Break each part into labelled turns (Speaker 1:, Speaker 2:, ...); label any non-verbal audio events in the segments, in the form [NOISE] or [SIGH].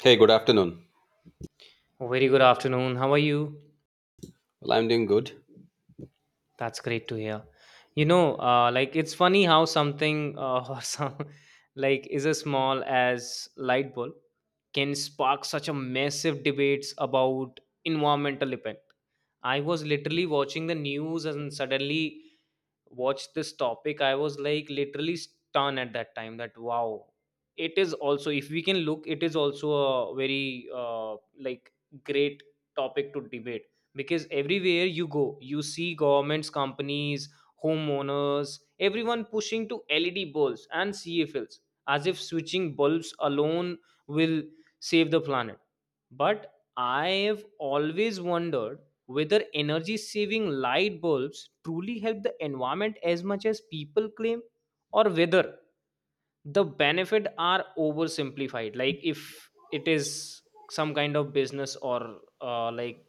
Speaker 1: Hey, good afternoon.
Speaker 2: Very good afternoon. How are you?
Speaker 1: Well, I'm doing good.
Speaker 2: That's great to hear. It's funny how something [LAUGHS] or some like is as small as light bulb can spark such a massive debates about environmental impact. I was literally watching the news and suddenly watched this topic. I was like literally stunned at that time that wow, it is also, if we can look, it is also a very great topic to debate, because everywhere you go you see governments, companies, homeowners, everyone pushing to led bulbs and cfls as if switching bulbs alone will save the planet. But I've always wondered whether energy saving light bulbs truly help the environment as much as people claim, or whether the benefit are oversimplified. Like if it is some kind of business, or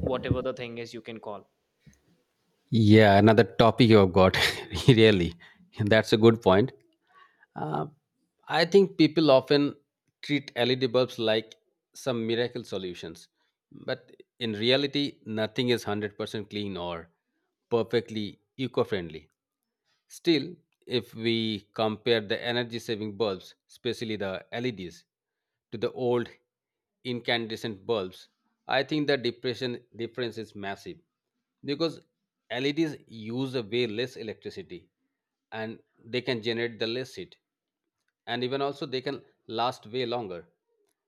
Speaker 2: whatever the thing is you can call.
Speaker 1: Yeah, another topic you have got. [LAUGHS] Really, that's a good point. Uh, I think people often treat LED bulbs like some miracle solutions, but in reality, nothing is 100% clean or perfectly eco friendly. Still, if we compare the energy saving bulbs, especially the LEDs, to the old incandescent bulbs, I think the depression difference is massive because LEDs use a way less electricity and they can generate the less heat, and even also they can last way longer,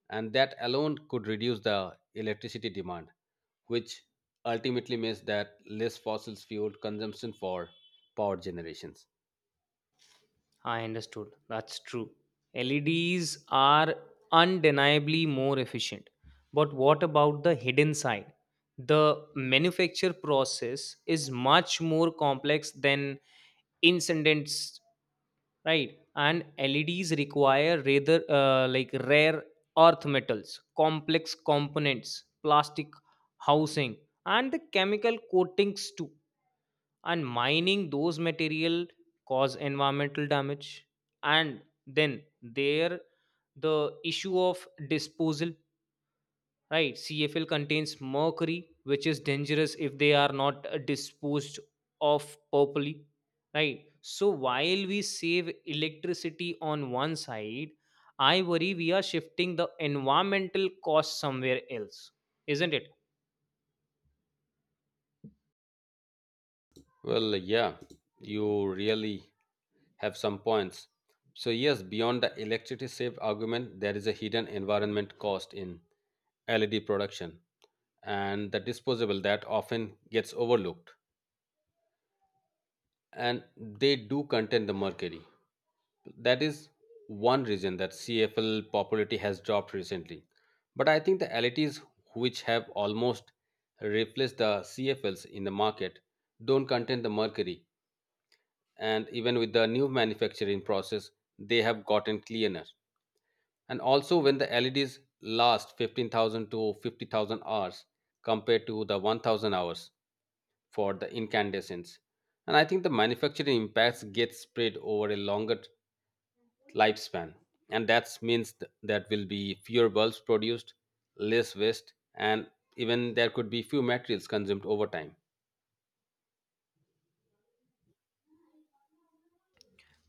Speaker 1: and that alone could reduce the electricity demand, which ultimately means that less fossil fuel consumption for power generations.
Speaker 2: I understood. That's true. LEDs are undeniably more efficient. But what about the hidden side? The manufacture process is much more complex than incidents, right? And LEDs require rather rare earth metals, complex components, plastic housing, and the chemical coatings too. And mining those material cause environmental damage, and then there the issue of disposal, right? CFL contains mercury, which is dangerous if they are not disposed of properly. Right, so while we save electricity on one side, I worry we are shifting the environmental cost somewhere else, isn't it?
Speaker 1: Well, yeah, you really have some points. So, yes, beyond the electricity saved argument, there is a hidden environment cost in LED production and the disposable that often gets overlooked. And they do contain the mercury. That is one reason that CFL popularity has dropped recently. But I think the LETs, which have almost replaced the CFLs in the market, don't contain the mercury. And even with the new manufacturing process, they have gotten cleaner. And also, when the LEDs last 15,000 to 50,000 hours compared to the 1,000 hours, for the incandescents. And I think the manufacturing impacts get spread over a longer lifespan. And that means that will be fewer bulbs produced, less waste, and even there could be few materials consumed over time.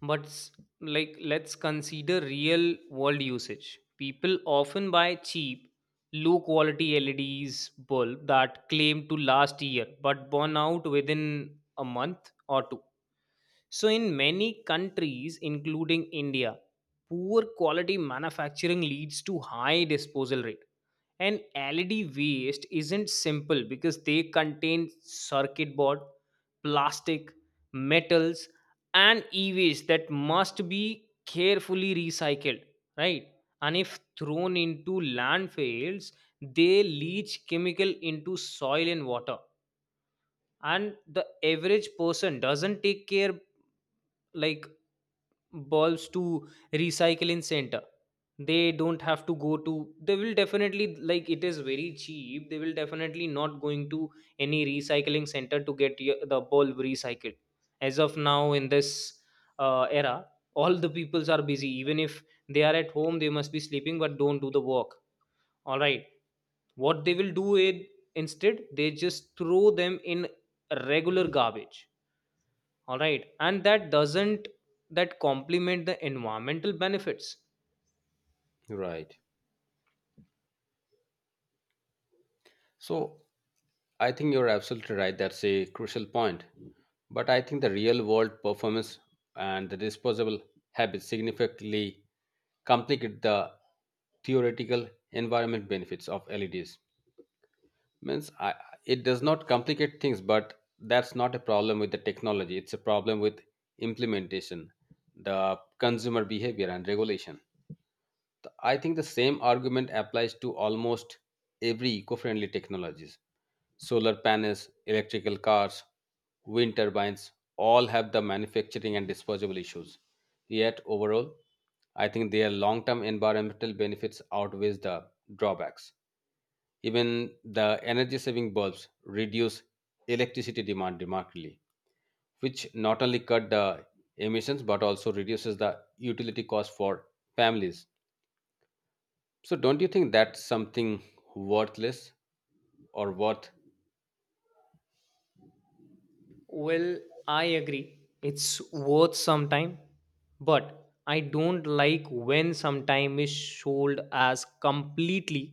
Speaker 2: But let's consider real world usage. People often buy cheap, low quality LEDs bulb that claim to last year but burn out within a month or two. So in many countries including India, poor quality manufacturing leads to high disposal rate, and LED waste isn't simple because they contain circuit board, plastic, metals, and e waste that must be carefully recycled, right? And if thrown into landfills, they leach chemical into soil and water. And the average person doesn't take care like bulbs to recycling center. They don't have to go to. They will definitely, like, it is very cheap, they will definitely not going to any recycling center to get the bulb recycled. As of now in this era, all the peoples are busy. Even if they are at home they must be sleeping, but don't do the work. All right, what they will do it instead, they just throw them in regular garbage. All right, and that doesn't, that complement the environmental benefits.
Speaker 1: Right. So I think you're absolutely right. That's a crucial point. But I think the real world performance and the disposable habits significantly complicate the theoretical environment benefits of LEDs. Means it does not complicate things, but that's not a problem with the technology, it's a problem with implementation, the consumer behavior and regulation. I think the same argument applies to almost every eco-friendly technologies, solar panels, electrical cars, wind turbines, all have the manufacturing and disposable issues, yet overall I think their long-term environmental benefits outweighs the drawbacks. Even the energy saving bulbs reduce electricity demand remarkably, which not only cut the emissions but also reduces the utility cost for families. So, don't you think that's something worthless or worth.
Speaker 2: Well, I agree it's worth some time, but I don't like when some time is sold as completely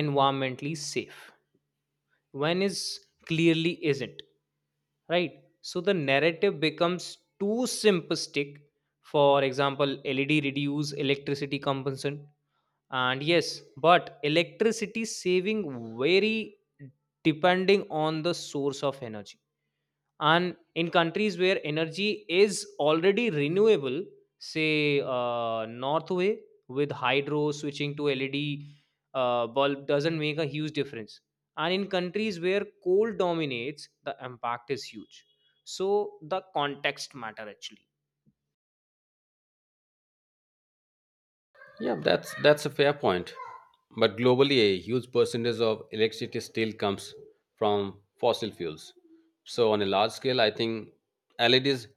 Speaker 2: environmentally safe when is clearly isn't, right? So the narrative becomes too simplistic. For example, led reduce electricity consumption, and yes, but electricity saving vary depending on the source of energy. And in countries where energy is already renewable, say northway with hydro, switching to led bulb doesn't make a huge difference. And in countries where coal dominates, the impact is huge. So the context matter actually.
Speaker 1: Yeah, that's a fair point. But globally, a huge percentage of electricity still comes from fossil fuels. So on a large scale, I think LEDs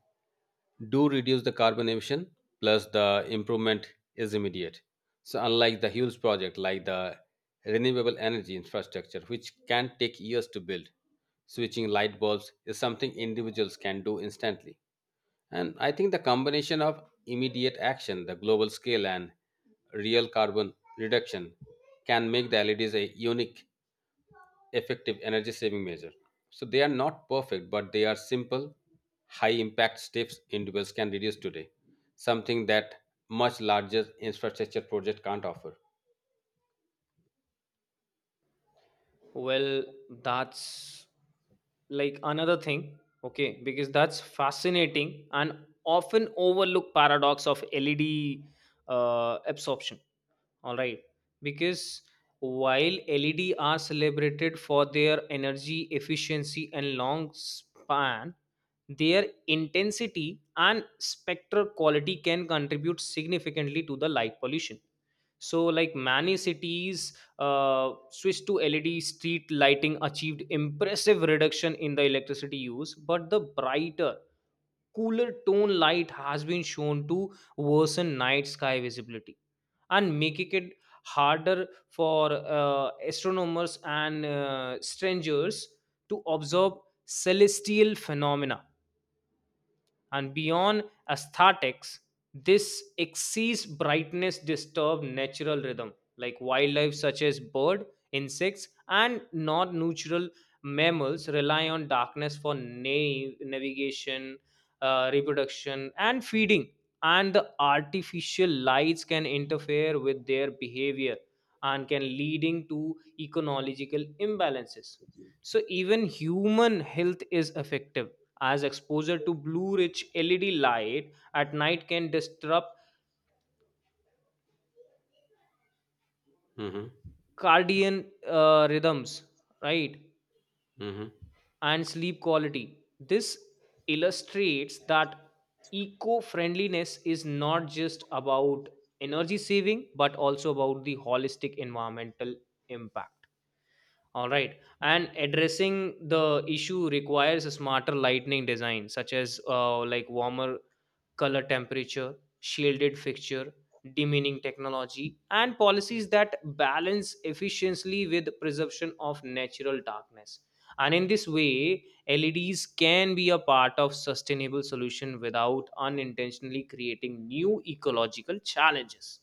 Speaker 1: do reduce the carbon emission, plus the improvement is immediate. So unlike the huge project like the renewable energy infrastructure, which can take years to build, switching light bulbs is something individuals can do instantly. And I think the combination of immediate action, the global scale, and real carbon reduction can make the LEDs a unique, effective energy saving measure. So they are not perfect, but they are simple, high impact steps individuals can reduce today, something that much larger infrastructure project can't offer.
Speaker 2: Well, that's like another thing. Okay, because that's fascinating and often overlooked paradox of led absorption. All right, because while led are celebrated for their energy efficiency and long span, their intensity and spectral quality can contribute significantly to the light pollution. So like many cities switch to led street lighting achieved impressive reduction in the electricity use, but the brighter, cooler tone light has been shown to worsen night sky visibility and making it harder for astronomers and strangers to observe celestial phenomena. And beyond aesthetics, this excess brightness disturbs natural rhythm. Like wildlife such as bird, insects, and non-natural mammals rely on darkness for navigation, reproduction and feeding, and the artificial lights can interfere with their behavior and can leading to ecological imbalances. So even human health is affected, as exposure to blue rich led light at night can disrupt
Speaker 1: Hmm.
Speaker 2: cardian rhythms, right?
Speaker 1: Hmm.
Speaker 2: And sleep quality. This illustrates that eco-friendliness is not just about energy saving but also about the holistic environmental impact. All right. And addressing the issue requires a smarter lighting design, such as warmer color temperature, shielded fixture, dimming technology, and policies that balance efficiently with preservation of natural darkness. And in this way, LEDs can be a part of sustainable solution without unintentionally creating new ecological challenges.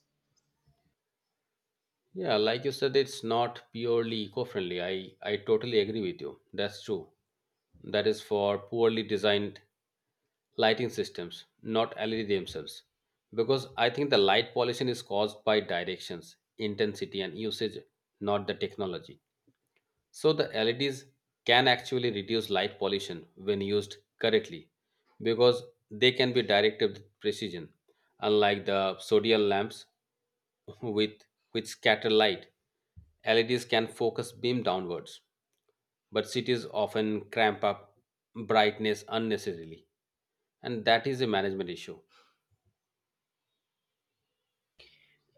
Speaker 1: Yeah, like you said, it's not purely eco friendly. I totally agree with you. That's true. That is for poorly designed lighting systems, not LED themselves. Because I think the light pollution is caused by directions, intensity, and usage, not the technology. So the LEDs can actually reduce light pollution when used correctly because they can be directed with precision, unlike the sodium lamps [LAUGHS] with which scatter light. LEDs can focus beam downwards, but cities often cramp up brightness unnecessarily, and that is a management issue.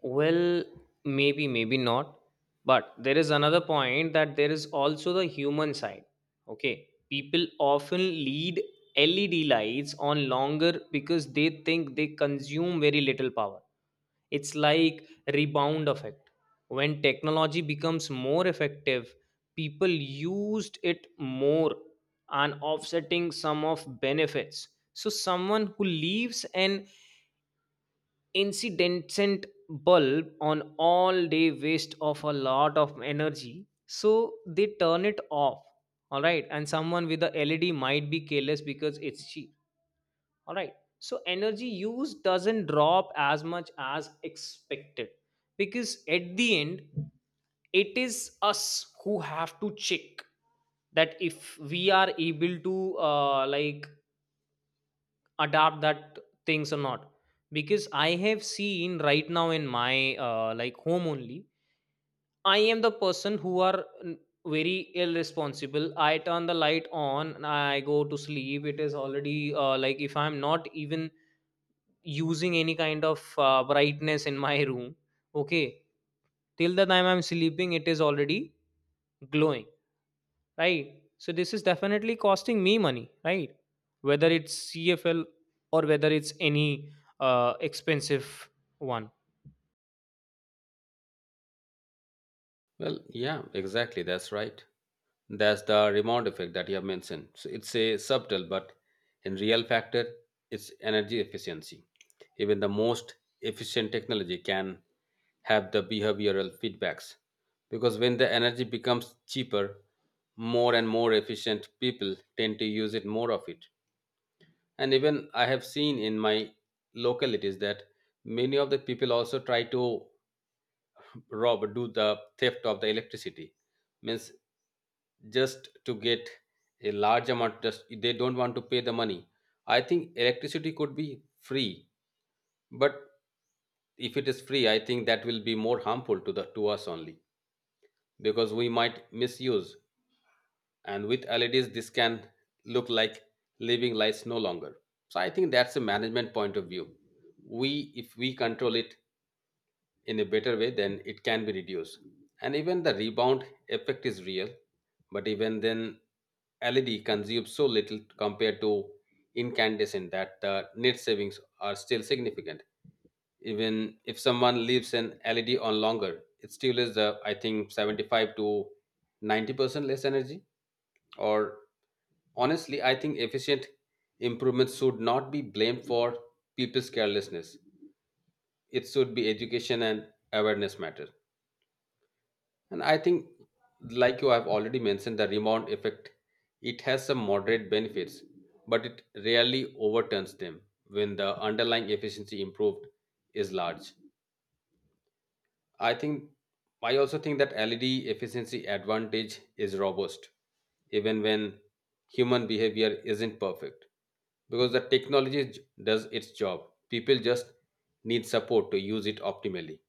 Speaker 2: Well, maybe, maybe not. But there is another point that there is also the human side. Okay. People often lead LED lights on longer because they think they consume very little power. It's like rebound effect. When technology becomes more effective, people used it more and offsetting some of benefits. So someone who leaves an incandescent bulb on all day waste of a lot of energy, so they turn it off. All right, and someone with a led might be careless because it's cheap. All right, so energy use doesn't drop as much as expected, because at the end it is us who have to check that if we are able to adapt that things or not. Because I have seen right now in my home only, I am the person who are very irresponsible. I turn the light on and I go to sleep. It is already if I'm not even using any kind of brightness in my room, okay, till the time I'm sleeping it is already glowing, right? So this is definitely costing me money, right? Whether it's CFL or whether it's any expensive one.
Speaker 1: Well, yeah, exactly, that's right. That's the rebound effect that you have mentioned, so it's a subtle but in real factor, it's energy efficiency. Even the most efficient technology can have the behavioral feedbacks, because when the energy becomes cheaper, more and more efficient, people tend to use it more of it. And even I have seen in my localities that many of the people also try to rob or do the theft of the electricity, means just to get a large amount, just they don't want to pay the money. I think electricity could be free, but if it is free, I think that will be more harmful to the to us only, because we might misuse. And with LEDs this can look like living lights no longer. So I think that's a management point of view. We if we control it in a better way, then it can be reduced. And even the rebound effect is real, but even then LED consumes so little compared to incandescent that the net savings are still significant. Even if someone leaves an LED on longer, it still is the I think 75 to 90% less energy or. Honestly, I think efficient improvements should not be blamed for people's carelessness. It should be education and awareness matter. And I think, like you have already mentioned, the rebound effect, it has some moderate benefits, but it rarely overturns them when the underlying efficiency improved is large. I think I also think that LED efficiency advantage is robust, even when human behavior isn't perfect, because the technology does its job. People just need support to use it optimally.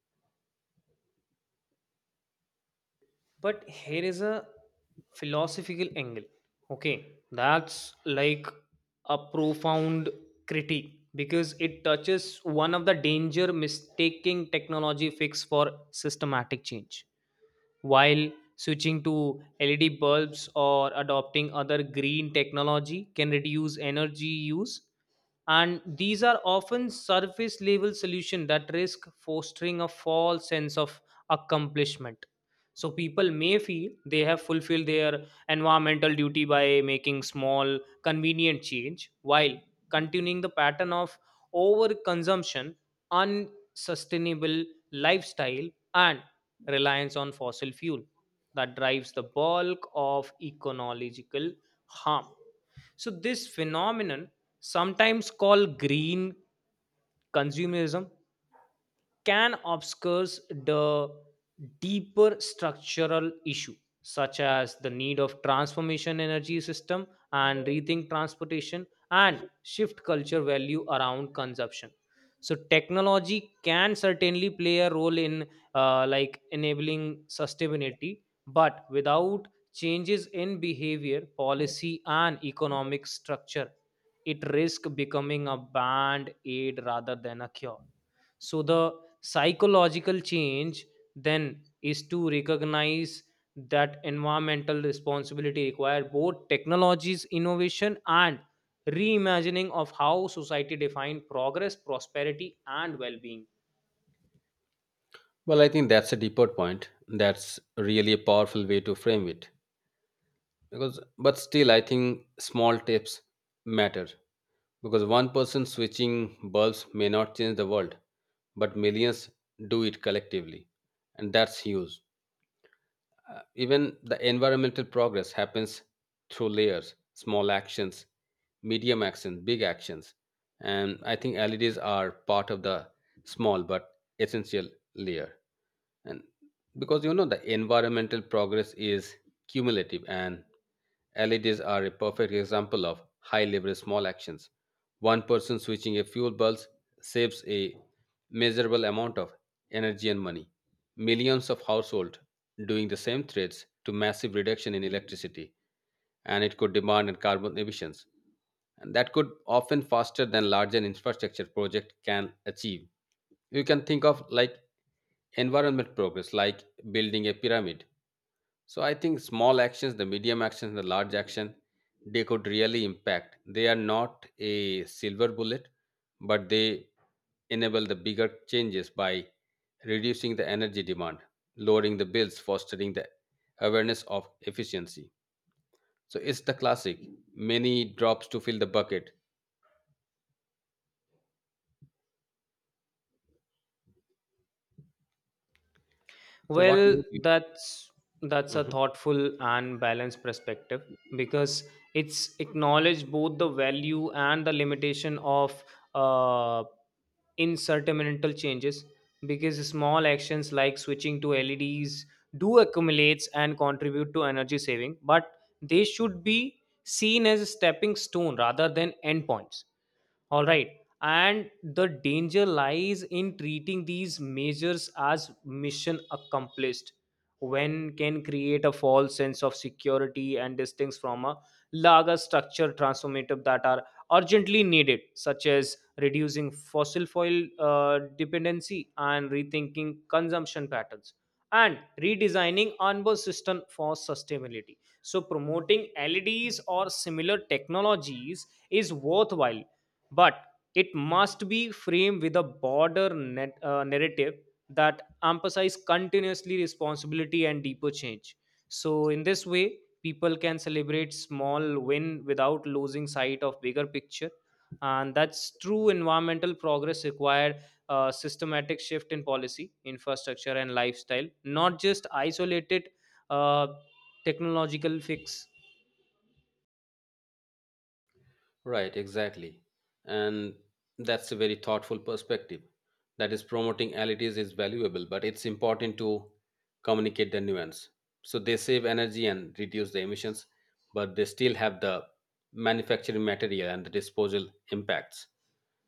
Speaker 2: But here is a philosophical angle. Okay, that's like a profound critique because it touches one of the danger mistaking technology fix for systematic change. While switching to LED bulbs or adopting other green technology can reduce energy use, and these are often surface level solutions that risk fostering a false sense of accomplishment. So people may feel they have fulfilled their environmental duty by making small convenient change while continuing the pattern of overconsumption, unsustainable lifestyle, and reliance on fossil fuel that drives the bulk of ecological harm. So this phenomenon, sometimes called green consumerism, can obscure the deeper structural issue such as the need of transformation energy system and rethink transportation and shift culture value around consumption. So technology can certainly play a role in enabling sustainability, but without changes in behavior, policy and economic structure, it risks becoming a band aid rather than a cure. So the psychological change then is to recognize that environmental responsibility require both technologies innovation and reimagining of how society define progress, prosperity and well-being.
Speaker 1: Well, I think that's a deeper point. That's really a powerful way to frame it. Because but still I think small tips matter, because one person switching bulbs may not change the world, but millions do it collectively, and that's huge. Even the environmental progress happens through layers, small actions, medium actions, big actions, and I think LEDs are part of the small but essential layer. And because you know the environmental progress is cumulative, and LEDs are a perfect example of high leverage small actions. One person switching a fuel bulb saves a measurable amount of energy and money. Millions of households doing the same threads to massive reduction in electricity, and it could demand and carbon emissions, and that could often faster than larger infrastructure project can achieve. You can think of like environment progress like building a pyramid. So I think small actions, the medium actions, and the large action, they could really impact. They are not a silver bullet, but they enable the bigger changes by reducing the energy demand, lowering the bills, fostering the awareness of efficiency. So it's the classic many drops to fill the bucket. So what.
Speaker 2: Well, that's a
Speaker 1: Mhm.
Speaker 2: thoughtful and balanced perspective, because it's acknowledged both the value and the limitation of uh, insurmountable changes. Because small actions like switching to LEDs do accumulates and contribute to energy saving, but they should be seen as a stepping stone rather than endpoints. All right. And the danger lies in treating these measures as mission accomplished. When can create a false sense of security and distance from a larger structure transformative that are urgently needed, such as reducing fossil fuel dependency and rethinking consumption patterns and redesigning onboard system for sustainability. So promoting LEDs or similar technologies is worthwhile, but it must be framed with a broader narrative that emphasize continuously responsibility and deeper change. So in this way people can celebrate small win without losing sight of bigger picture. And that's true, environmental progress required a systematic shift in policy, infrastructure and lifestyle, not just isolated uh, technological fix.
Speaker 1: Right, exactly. And that's a very thoughtful perspective. That is, promoting LEDs is valuable, but it's important to communicate the nuance. So they save energy and reduce the emissions, but they still have the manufacturing material and the disposal impacts.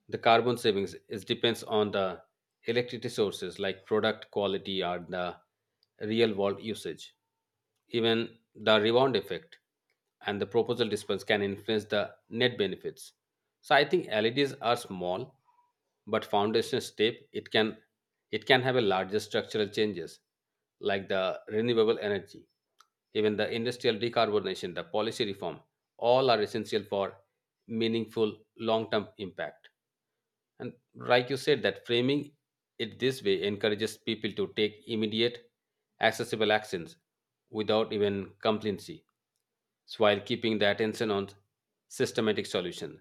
Speaker 1: The carbon savings is depends on the electricity sources like product quality or the real world usage. Even the rebound effect and the proposal dispense can influence the net benefits. So I think LEDs are small but foundation step, it can have a larger structural changes like the renewable energy, even the industrial decarbonization, the policy reform, all are essential for meaningful long-term impact. And like you said, that framing it this way encourages people to take immediate accessible actions without even complacency, so while keeping the attention on systematic solutions.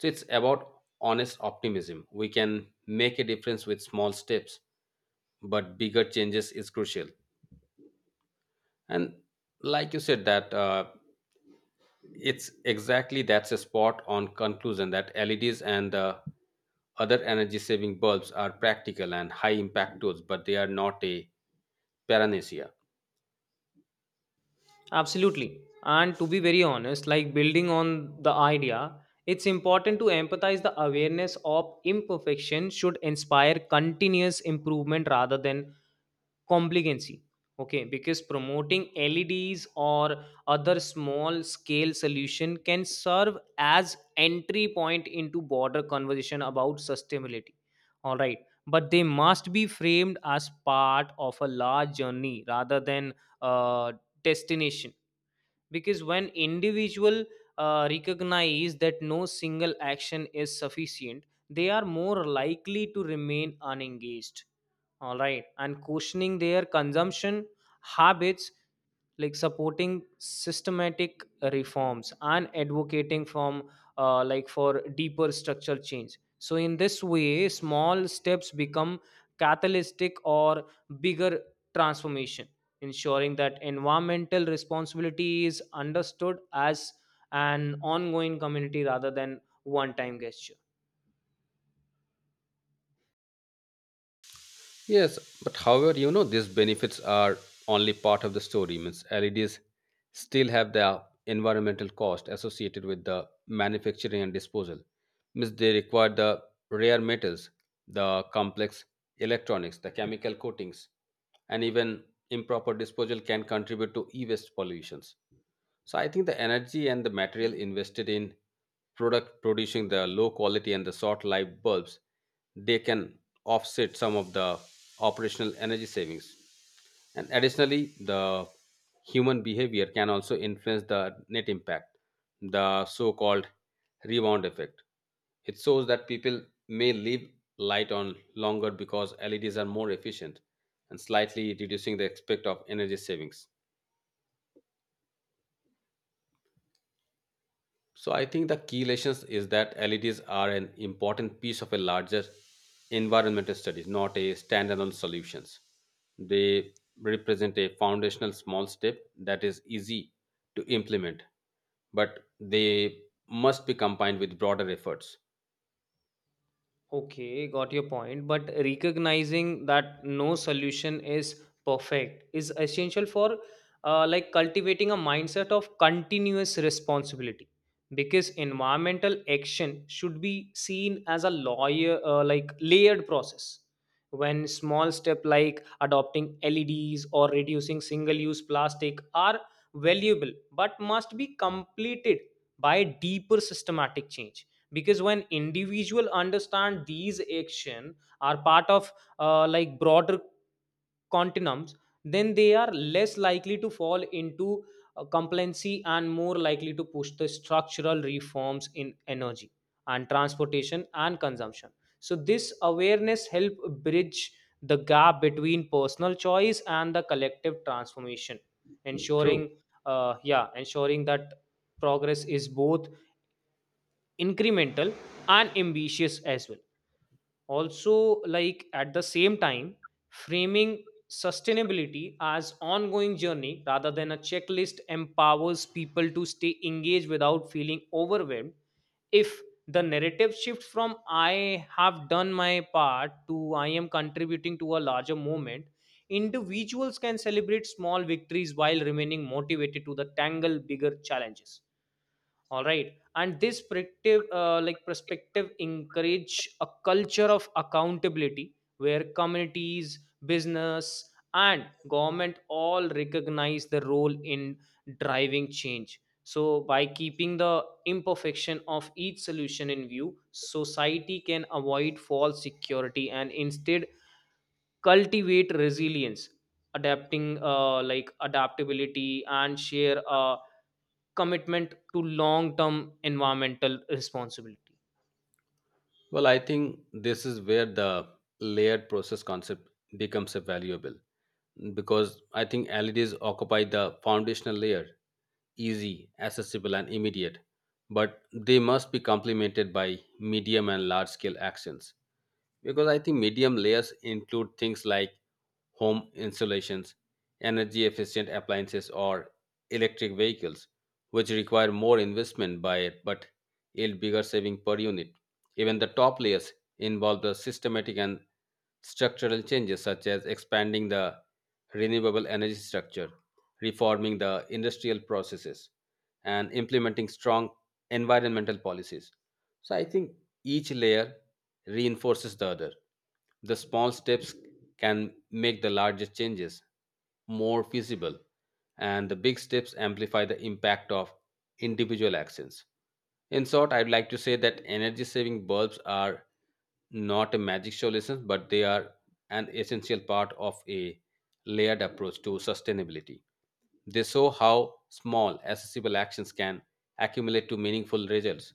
Speaker 1: So it's about honest optimism, we can make a difference with small steps but bigger changes is crucial. And like you said that it's exactly that's a spot on conclusion that LEDs and the other energy saving bulbs are practical and high impact tools, but they are not a panacea.
Speaker 2: Absolutely. And to be very honest, like building on the idea, it's important to empathize the awareness of imperfection should inspire continuous improvement rather than complacency. Okay, because promoting LEDs or other small scale solution can serve as entry point into broader conversation about sustainability. All right, but they must be framed as part of a large journey rather than uh, destination. Because when individual recognize that no single action is sufficient, they are more likely to remain unengaged. All right, and questioning their consumption habits, like supporting systematic reforms and advocating from for deeper structural change. So in this way small steps become catalytic or bigger transformation, ensuring that environmental responsibility is understood as an ongoing community rather than one time gesture.
Speaker 1: Yes, but however, you know, these benefits are only part of the story. Means LEDs still have the environmental cost associated with the manufacturing and disposal. Means they require the rare metals, the complex electronics, the chemical coatings, and even improper disposal can contribute to e-waste pollutions. So I think the energy and the material invested in product producing the low quality and the short life bulbs, they can offset some of the operational energy savings. And additionally, the human behavior can also influence the net impact, the so called rebound effect. It shows that people may leave light on longer because LEDs are more efficient, and slightly reducing the aspect of energy savings. So I think the key lessons is that LEDs are an important piece of a larger environmental studies, not a standalone solutions. They represent a foundational small step that is easy to implement, but they must be combined with broader efforts.
Speaker 2: Okay, got your point. But recognizing that no solution is perfect is essential for cultivating a mindset of continuous responsibility. Because environmental action should be seen as a lawyer like layered process, when small step like adopting LEDs or reducing single use plastic are valuable but must be completed by deeper systematic change. Because when individual understand these action are part of broader continuums, then they are less likely to fall into complacency and more likely to push the structural reforms in energy and transportation and consumption. So this awareness help bridge the gap between personal choice and the collective transformation,
Speaker 1: True.
Speaker 2: ensuring, yeah, ensuring that progress is both incremental and ambitious as well. Also, like at the same time, framing sustainability as ongoing journey rather than a checklist empowers people to stay engaged without feeling overwhelmed. If the narrative shifts from I have done my part to I am contributing to a larger movement, individuals can celebrate small victories while remaining motivated to the tangle bigger challenges. All right, and this perspective encourage a culture of accountability where communities, business and government all recognize the role in driving change. So by keeping the imperfection of each solution in view, society can avoid false security and instead cultivate resilience, adapting like adaptability and share a commitment to long term environmental responsibility.
Speaker 1: Well, I think this is where the layered process concept becomes a valuable, because I think LEDs occupy the foundational layer, easy, accessible, and immediate, but they must be complemented by medium and large scale actions, because I think medium layers include things like home installations, energy efficient appliances, or electric vehicles, which require more investment by it but yield bigger saving per unit. Even the top layers involve the systematic and structural changes such as expanding the renewable energy structure, reforming the industrial processes, and implementing strong environmental policies. So I think each layer reinforces the other. The small steps can make the larger changes more feasible, and the big steps amplify the impact of individual actions. In short, I'd like to say that energy saving bulbs are not a magic solution, but they are an essential part of a layered approach to sustainability. They show how small, accessible actions can accumulate to meaningful results,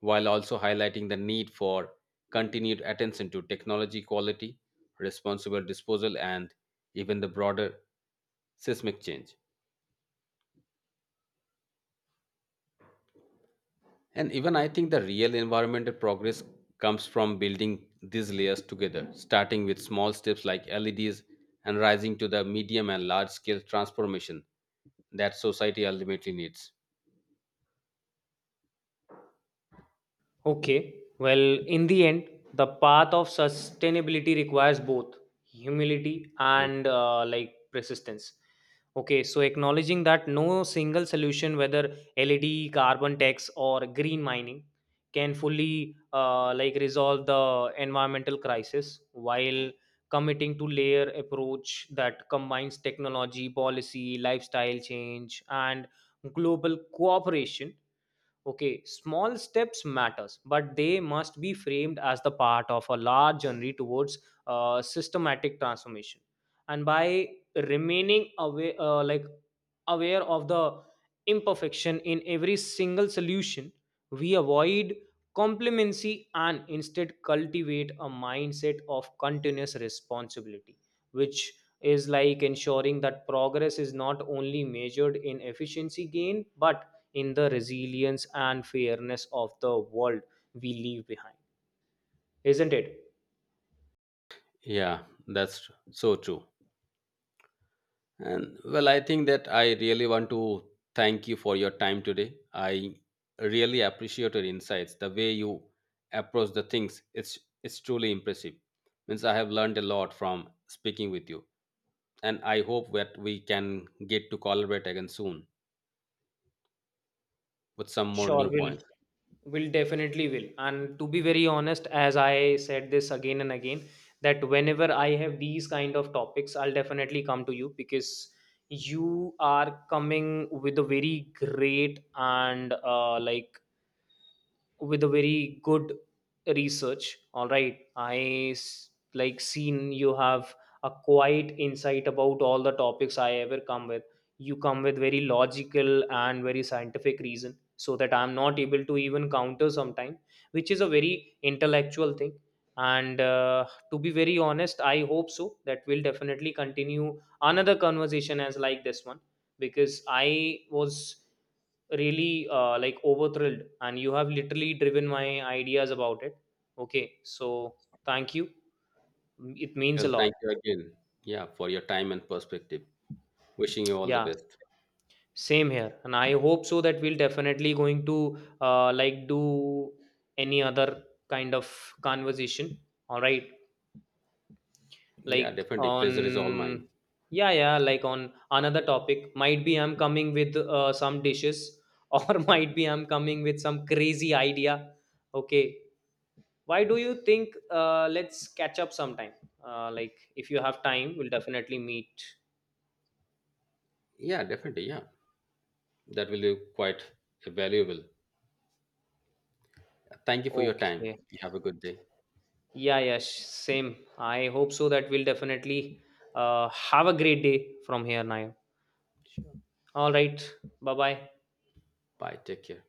Speaker 1: while also highlighting the need for continued attention to technology quality, responsible disposal, and even the broader seismic change. And even I think the real environmental progress comes from building these layers together, starting with small steps like LEDs and rising to the medium and large scale transformation that society ultimately needs.
Speaker 2: Okay, well, in the end, the path of sustainability requires both humility
Speaker 1: Mm.
Speaker 2: and persistence. Okay, so acknowledging that no single solution, whether LED, carbon tax, or green mining, can fully resolve the environmental crisis, while committing to layer approach that combines technology, policy, lifestyle change, and global cooperation. Okay, small steps matters, but they must be framed as the part of a large journey towards systematic transformation. And by remaining aware, like aware of the imperfection in every single solution, we avoid complacency and instead cultivate a mindset of continuous responsibility, which is like ensuring that progress is not only measured in efficiency gain but in the resilience and fairness of the world we leave behind, isn't it?
Speaker 1: Yeah, that's so true. And well, I think that I really want to thank you for your time today. I really appreciate your insights. The way you approach the things, it's truly impressive. Means I have learned a lot from speaking with you. And I hope that we can get to collaborate again soon with some more
Speaker 2: Sure
Speaker 1: new
Speaker 2: will
Speaker 1: points.
Speaker 2: will definitely will. And to be very honest, as I said this again and again, that whenever I have these kind of topics I'll definitely come to you, because you are coming with a very great and with a very good research. All right, I seen you have a quite insight about all the topics I ever come with. You come with very logical and very scientific reason, so that I'm not able to even counter sometime, which is a very intellectual thing. And to be very honest, I hope so that we'll definitely continue another conversation as like this one, because I was really overthrilled and you have literally driven my ideas about it. Okay, so thank you. It means a
Speaker 1: Well,
Speaker 2: lot.
Speaker 1: thank you again, yeah, for your time and perspective. Wishing you all the
Speaker 2: Yeah,
Speaker 1: best.
Speaker 2: same here. And I hope so that we'll definitely going to do any other kind of conversation. All right.
Speaker 1: Yeah,
Speaker 2: Like
Speaker 1: definitely. Pleasure is all mine.
Speaker 2: on, yeah, yeah, like on another topic, might be I'm coming with some dishes [LAUGHS] or might be I'm coming with some crazy idea. Okay, why do you think? Uh, Let's catch up sometime, if you have time we'll definitely meet.
Speaker 1: Yeah, definitely. Yeah, that will be quite valuable. Thank you for your time.
Speaker 2: Okay.
Speaker 1: You have a good day.
Speaker 2: Yeah, yeah, same, I hope so that we'll definitely have a great day from here now.
Speaker 1: Sure.
Speaker 2: All right. Bye bye.
Speaker 1: Bye. Take care.